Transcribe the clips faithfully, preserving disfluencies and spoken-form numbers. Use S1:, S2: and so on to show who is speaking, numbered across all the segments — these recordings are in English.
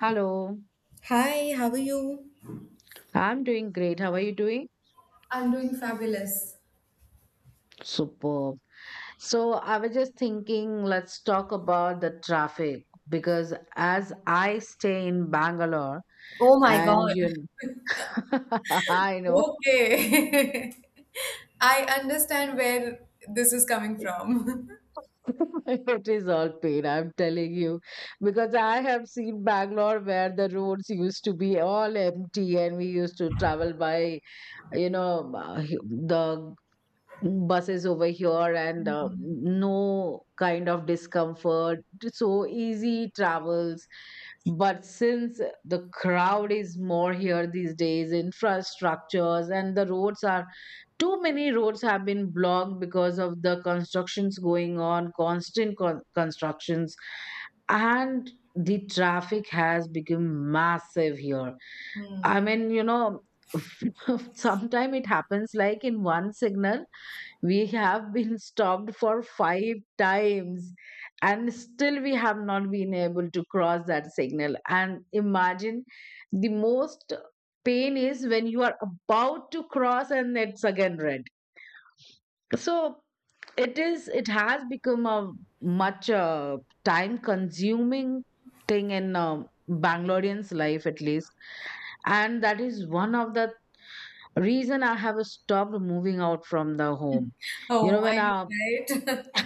S1: Hello.
S2: Hi, how are you?
S1: I'm doing great. How are you doing?
S2: I'm doing fabulous.
S1: Superb. So, I was just thinking, let's talk about the traffic because as I stay in Bangalore and you I know.
S2: Okay. I understand where this is coming from.
S1: It is all pain, I'm telling you, because I have seen Bangalore where the roads used to be all empty and we used to travel by, you know, uh, hu- the buses over here, and uh, no kind of discomfort. So easy travels. But since the crowd is more here these days, infrastructures and the roads are, too many roads have been blocked because of the constructions going on, constant con- constructions, and the traffic has become massive here. I mean, you know sometime it happens like in one signal we have been stopped for five times and still we have not been able to cross that signal. And imagine, the most pain is when you are about to cross and it's again red. So it is, it has become a much uh, time consuming thing in uh, Bangalorean's life, at least. And that is one of the reason I have stopped moving out from the home. You
S2: Oh,
S1: know when
S2: mine
S1: I
S2: is right.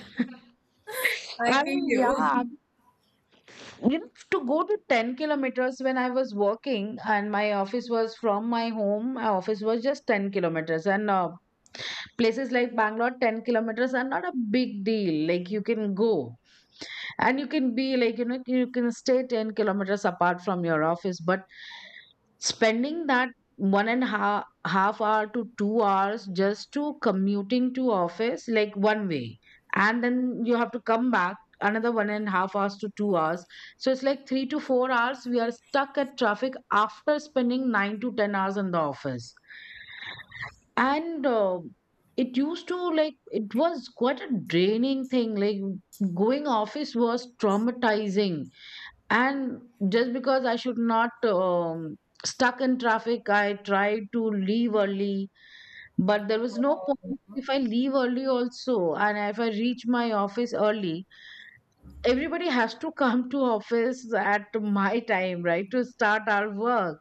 S2: I
S1: I
S2: feel
S1: mean, yeah,
S2: you.
S1: you know, to go to ten kilometers when I was working, and my office was from my home, my office was just ten kilometers. And uh, places like Bangalore, ten kilometers are not a big deal. Like you can go, and you can be like, you know you can stay ten kilometers apart from your office, but spending that one and half half hour to two hours just to commuting to office, like one way, and then you have to come back another one and half hours to two hours. So it's like three to four hours we are stuck at traffic, after spending nine to ten hours in the office. And um it used to, like it was quite a draining thing, like going office was traumatizing. And just because I should not, um, stuck in traffic, I tried to leave early. But there was no point if I leave early also, and if I reach my office early, everybody has to come to office at my time, right, to start our work.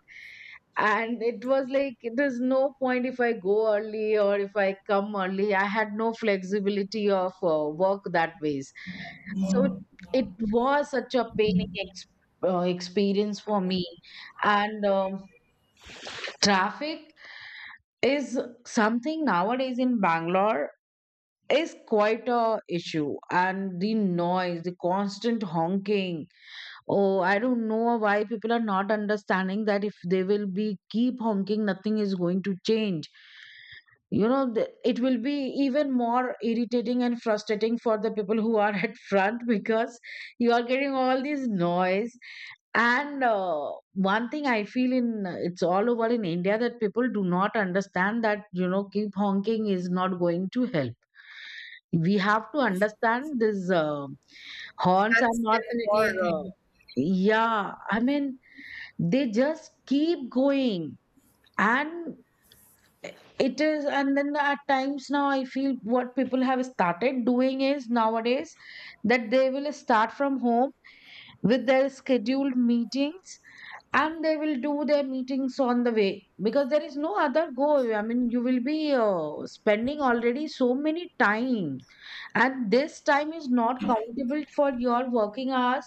S1: And it was like there's no point if I go early, or if I come early I had no flexibility of uh, work that ways. So it was such a paining ex- uh, experience for me. And um, traffic is something nowadays in Bangalore, is quite a issue. And the noise, the constant honking. Oh, I don't know why people are not understanding that if they will be keep honking, nothing is going to change. You know the, it will be even more irritating and frustrating for the people who are at front, because you are getting all this noise. And uh, one thing I feel, in it's all over in India that people do not understand that, you know keep honking is not going to help. We have to understand this. Uh, horns are
S2: That's
S1: not for,
S2: definitely a
S1: uh,
S2: thing.
S1: yeah, I mean, they just keep going. And it is, and then at times, now I feel, what people have started doing is nowadays that they will start from home with their scheduled meetings, and they will do their meetings on the way because there is no other goal. I mean, you will be uh, spending already so many time, and this time is not countable for your working hours.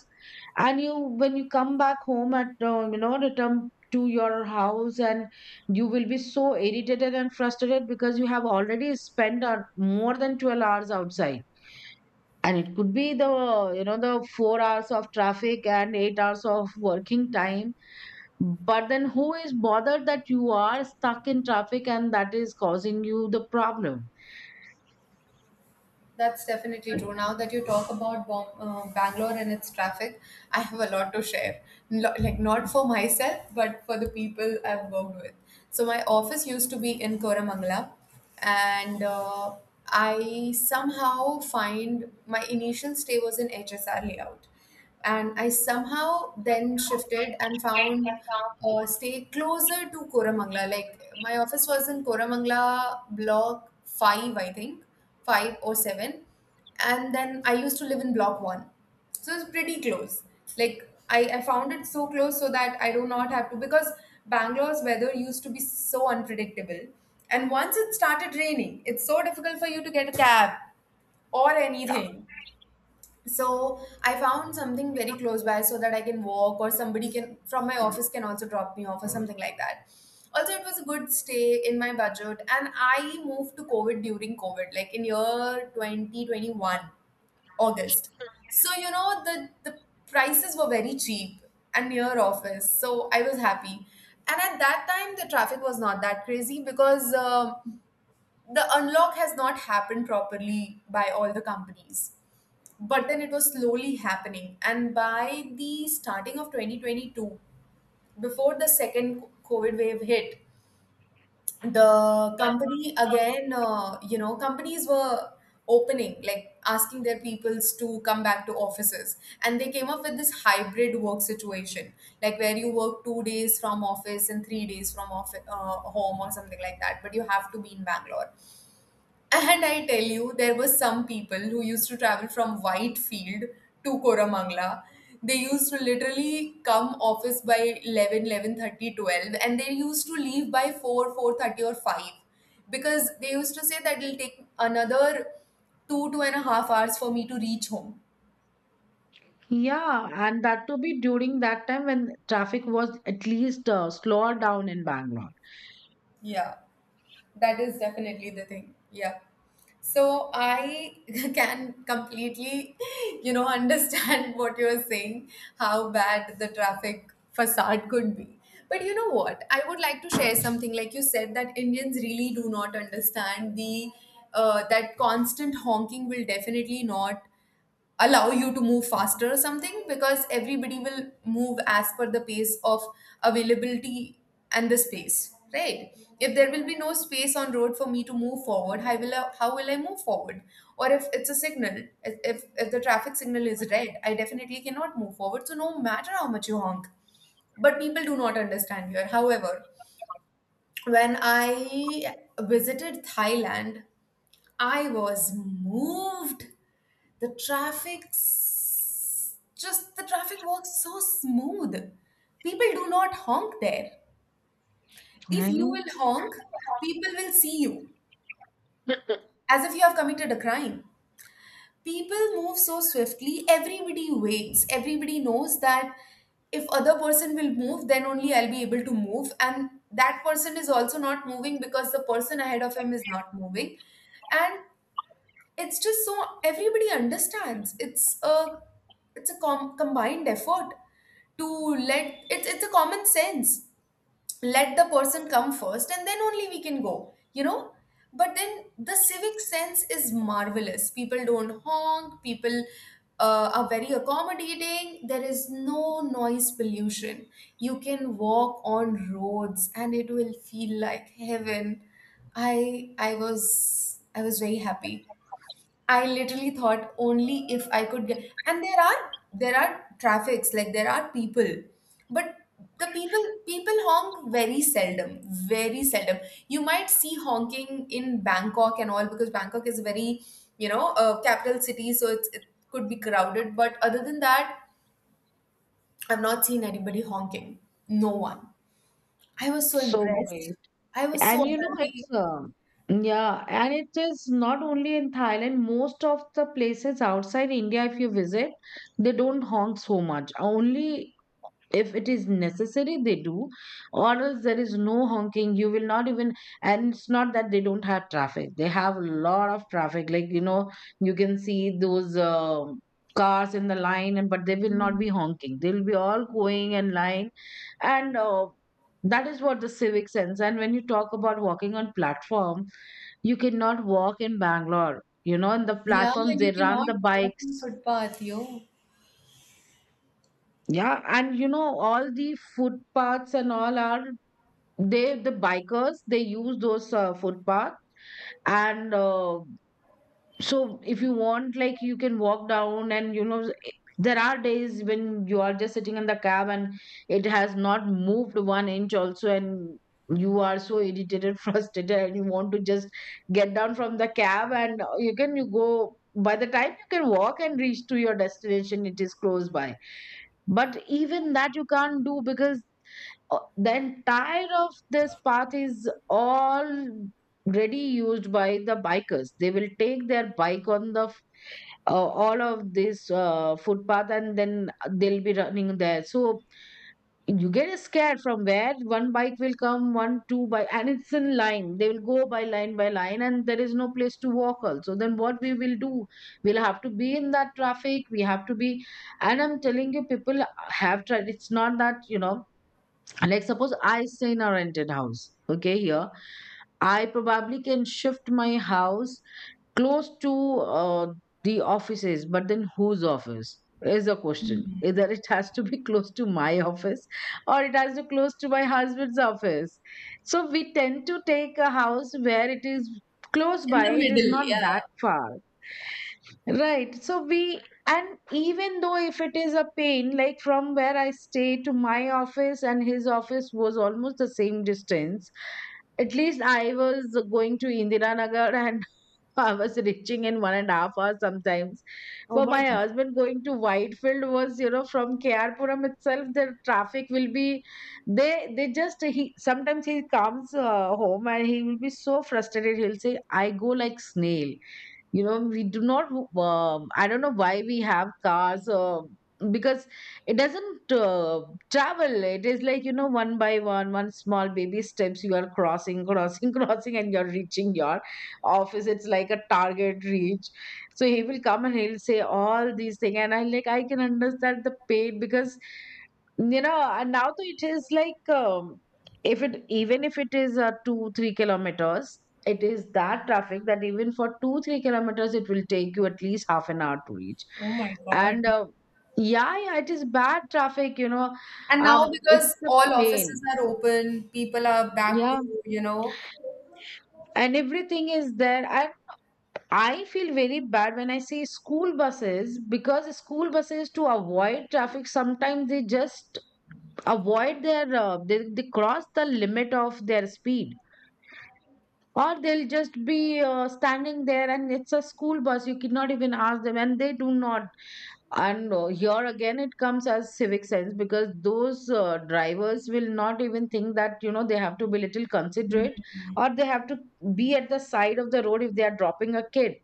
S1: And you when you come back home, at uh, you know return to your house, and you will be so irritated and frustrated because you have already spent, uh, more than twelve hours outside. And it could be the, you know the four hours of traffic and eight hours of working time. But then who is bothered that you are stuck in traffic and that is causing you the problem?
S2: That's definitely true. Now that you talk about Bom- uh, Bangalore and its traffic, I have a lot to share. Lo- like, not for myself, but for the people I've worked with. So, my office used to be in Koramangala, and uh, I somehow find my initial stay was in H S R layout, and I somehow then shifted and found uh, stay closer to Koramangala. Like my office was in Koramangala block five, I think, five or seven, and then I used to live in block one, so it's pretty close. Like I, I found it so close so that I do not have to, because Bangalore's weather used to be so unpredictable, and once it started raining, it's so difficult for you to get a cab or anything. So I found something very close by so that I can walk, or somebody can from my office can also drop me off or something like that. Also, it was a good stay in my budget, and I moved to covid during covid, like in year twenty twenty-one August. So you know, the the prices were very cheap and near office, so I was happy. And at that time the traffic was not that crazy, because um the unlock has not happened properly by all the companies. But then it was slowly happening, and by the starting of twenty twenty-two, before the second covid wave hit, the company again, uh, you know companies were opening, like asking their peoples to come back to offices, and they came up with this hybrid work situation, like where you work two days from office and three days from office, uh, home or something like that, but you have to be in Bangalore. And I tell you, there were some people who used to travel from Whitefield to Koramangala. They used to literally come office by eleven, eleven thirty, twelve, and they used to leave by four, four thirty, or five, because they used to say that it'll take another two, two and a half hours for me to reach home.
S1: Yeah, and that to be during that time when traffic was at least uh, slower down in Bangalore.
S2: Yeah. That is definitely the thing. Yeah. So I can completely, you know, understand what you're saying, how bad the traffic facade could be. But you know what? I would like to share something. Like you said, that Indians really do not understand the uh, that constant honking will definitely not allow you to move faster or something, because everybody will move as per the pace of availability and the space, right? If there will be no space on road for me to move forward, how will i, how will I move forward? Or if it's a signal, if, if if the traffic signal is red, I definitely cannot move forward, so no matter how much you honk. But people do not understand here. However, when I visited Thailand, I was moved. The traffic, s- just the traffic was so smooth. People do not honk there. If
S1: I
S2: you will
S1: know.
S2: honk, people will see you as if you have committed a crime. People move so swiftly, everybody waits. Everybody knows that if other person will move, then only I'll be able to move. And that person is also not moving because the person ahead of him is not moving. And it's just so, everybody understands, it's a it's a com- combined effort to let it's it's a common sense, let the person come first, and then only we can go you know But then the civic sense is marvelous, people don't honk, people uh, are very accommodating, there is no noise pollution, you can walk on roads and it will feel like heaven. I i was i was very happy. I literally thought only if I could get, and there are there are traffics, like there are people, but the people people honk very seldom, very seldom. You might see honking in Bangkok and all, because Bangkok is a very you know a capital city, so it's, it could be crowded. But other than that, I've not seen anybody honking. No one. I was so
S1: So
S2: impressed.
S1: great.
S2: I was so
S1: And you know,
S2: happy.
S1: it's uh, yeah, and it is not only in Thailand, most of the places outside India, if you visit, they don't honk so much. Only if it is necessary they do, or else there is no honking, you will not even. And it's not that they don't have traffic, they have a lot of traffic, like, you know you can see those um cars in the line, and but they will not be honking, they will be all going in line. And uh, that is what the civic sense. And when you talk about walking on platform, you cannot walk in Bangalore. You know, in the
S2: Yeah,
S1: platforms, they
S2: you
S1: run
S2: cannot
S1: the
S2: walk on
S1: bikes.
S2: footpath, yo.
S1: Yeah, and you know, all the footpaths and all are, they, the bikers, they use those uh, footpath. And uh, so if you want, like you can walk down, and you know there are days when you are just sitting in the cab and it has not moved one inch also, and you are so irritated frustrated and you want to just get down from the cab. And uh, you can you go by. The time you can walk and reach to your destination, it is close by. But even that you can't do, because uh, the entire of this path is already used by the bikers. They will take their bike on the f- uh, all of this uh, footpath, and then they'll be running there. So you get scared from where one bike will come, one two, by. And it's in line, they will go by line by line, and there is no place to walk also. Then what we will do? We'll have to be in that traffic, we have to be. And I'm telling you, people have tried. It's not that, you know like suppose I stay in a rented house, okay, here, I probably can shift my house close to, uh, the offices, but then whose office is the question? Either it has to be close to my office or it has to close to my husband's office. So we tend to take a house where it is close
S2: In
S1: by,
S2: the
S1: it is
S2: middle.
S1: not that
S2: Yeah.
S1: far. Right. So we, and even though if it is a pain, like from where I stay to my office and his office was almost the same distance, at least I was going to Indira Nagar and I was reaching in one and a half hours sometimes.
S2: Oh
S1: For
S2: my
S1: my
S2: God.
S1: husband, going to Whitefield was, you know, from K R Puram itself, the traffic will be, they, they just, he, sometimes he comes uh, home, and he will be so frustrated. He'll say, I go like snail. You know we do not, um, I don't know why we have cars, uh, because it doesn't uh, travel, it is like, you know one by one, one small baby steps, you are crossing, crossing, crossing, and you're reaching your office. It's like a target reach. So he will come and he'll say all these things, and I, like, I can understand the pain because, you know and now, though it is like, um, if it even if it is uh, two three kilometers, it is that traffic that even for two three kilometers it will take you at least half an hour to reach.
S2: Oh my
S1: And
S2: God.
S1: uh, yeah, yeah, it is bad traffic, you know.
S2: And now
S1: Um it's
S2: because
S1: a
S2: all offices
S1: pain.
S2: are open, people are back to,
S1: Yeah.
S2: you know,
S1: And everything is there, and I feel very bad when I see school buses, because school buses, to avoid traffic, sometimes they just avoid their, uh, they, they cross the limit of their speed. Or they'll just be uh, standing there, and it's a school bus, you cannot even ask them, and they do not. And uh, here again it comes as civic sense, because those uh, drivers will not even think that, you know they have to be little considerate,
S2: Mm,
S1: or they have to be at the side of the road. If they are dropping a kid,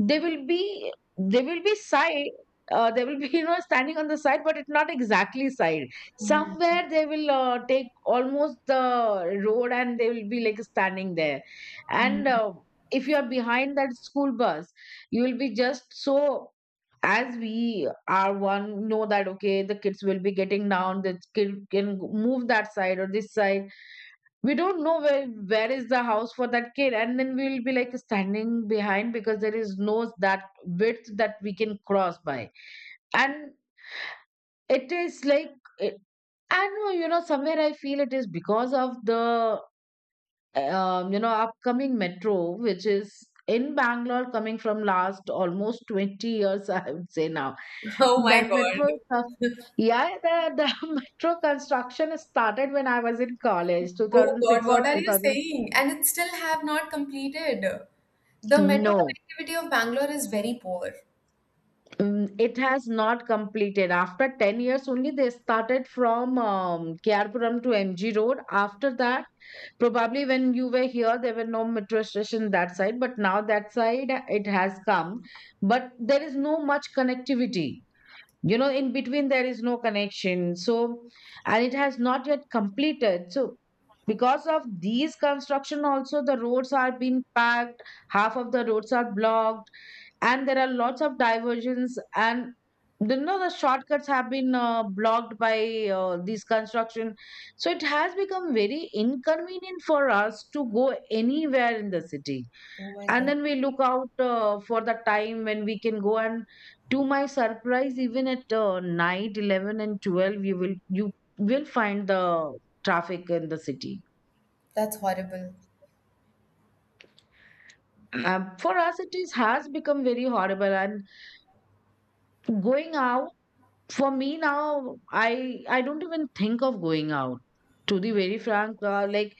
S1: they will be they will be side, uh, they will be you know standing on the side, but it's not exactly side,
S2: mm,
S1: somewhere they will uh, take almost the road and they will be like standing there.
S2: mm.
S1: And uh, if you are behind that school bus, you will be just so, as we are one know that okay the kids will be getting down, the kid can move that side or this side, we don't know where where is the house for that kid. And then we will be like standing behind because there is no that width that we can cross by. And it is like it, I know, you know somewhere I feel it is because of the, um, you know upcoming metro which is in Bangalore coming from last almost twenty years, I would say. Now
S2: Oh my
S1: that metro
S2: God.
S1: is a- yeah, the, the metro construction started when I was in college,
S2: Oh God,
S1: twenty oh six or
S2: what are you
S1: two thousand.
S2: saying? And it still have not completed. The metro
S1: No.
S2: connectivity of Bangalore is very poor.
S1: Mm, it has not completed. After ten years only, they started from, um, Kyarpuram to M G Road. After that, probably when you were here, there were no metro station that side, but now that side uh, it has come. But there is no much connectivity. You know, in between there is no connection. So, and it has not yet completed. So, because of these construction also the roads are being packed, half of the roads are blocked, and there are lots of diversions, and you know the shortcuts have been uh, blocked by uh, these construction, so it has become very inconvenient for us to go anywhere in the city.
S2: Oh my
S1: And
S2: God.
S1: then we look out uh, for the time when we can go. And to my surprise, even at uh, night eleven and twelve you will you will find the traffic in the city.
S2: That's horrible.
S1: Um, for us it is, has become very horrible, and going out. For me now, I I don't even think of going out. To be very frank, uh, like,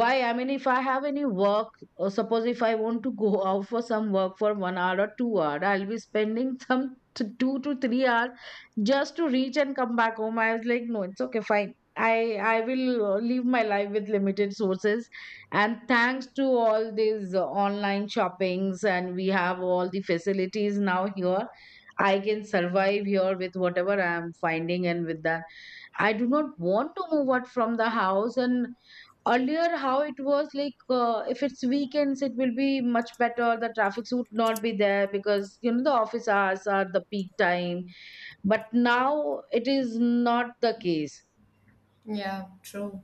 S1: why? I mean, if I have any work, or suppose if I want to go out for some work for one hour or two hour, I'll be spending some t- two to three hours just to reach and come back home. I was like, no, it's okay, fine. I I will uh, live my life with limited sources, and thanks to all these uh, online shoppings, and we have all the facilities now here. I can survive here with whatever I am finding and with that. I do not want to move out from the house. And earlier, how it was like, uh, if it's weekends, it will be much better. The traffic would not be there because, you know, the office hours are the peak time. But now it is not the case.
S2: Yeah, true.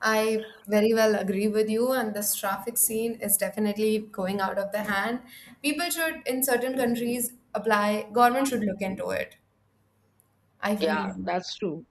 S2: I very well agree with you, and this traffic scene is definitely going out of the hand. People should, in certain countries, apply, government should look into it. I feel
S1: Yeah,
S2: you.
S1: that's true.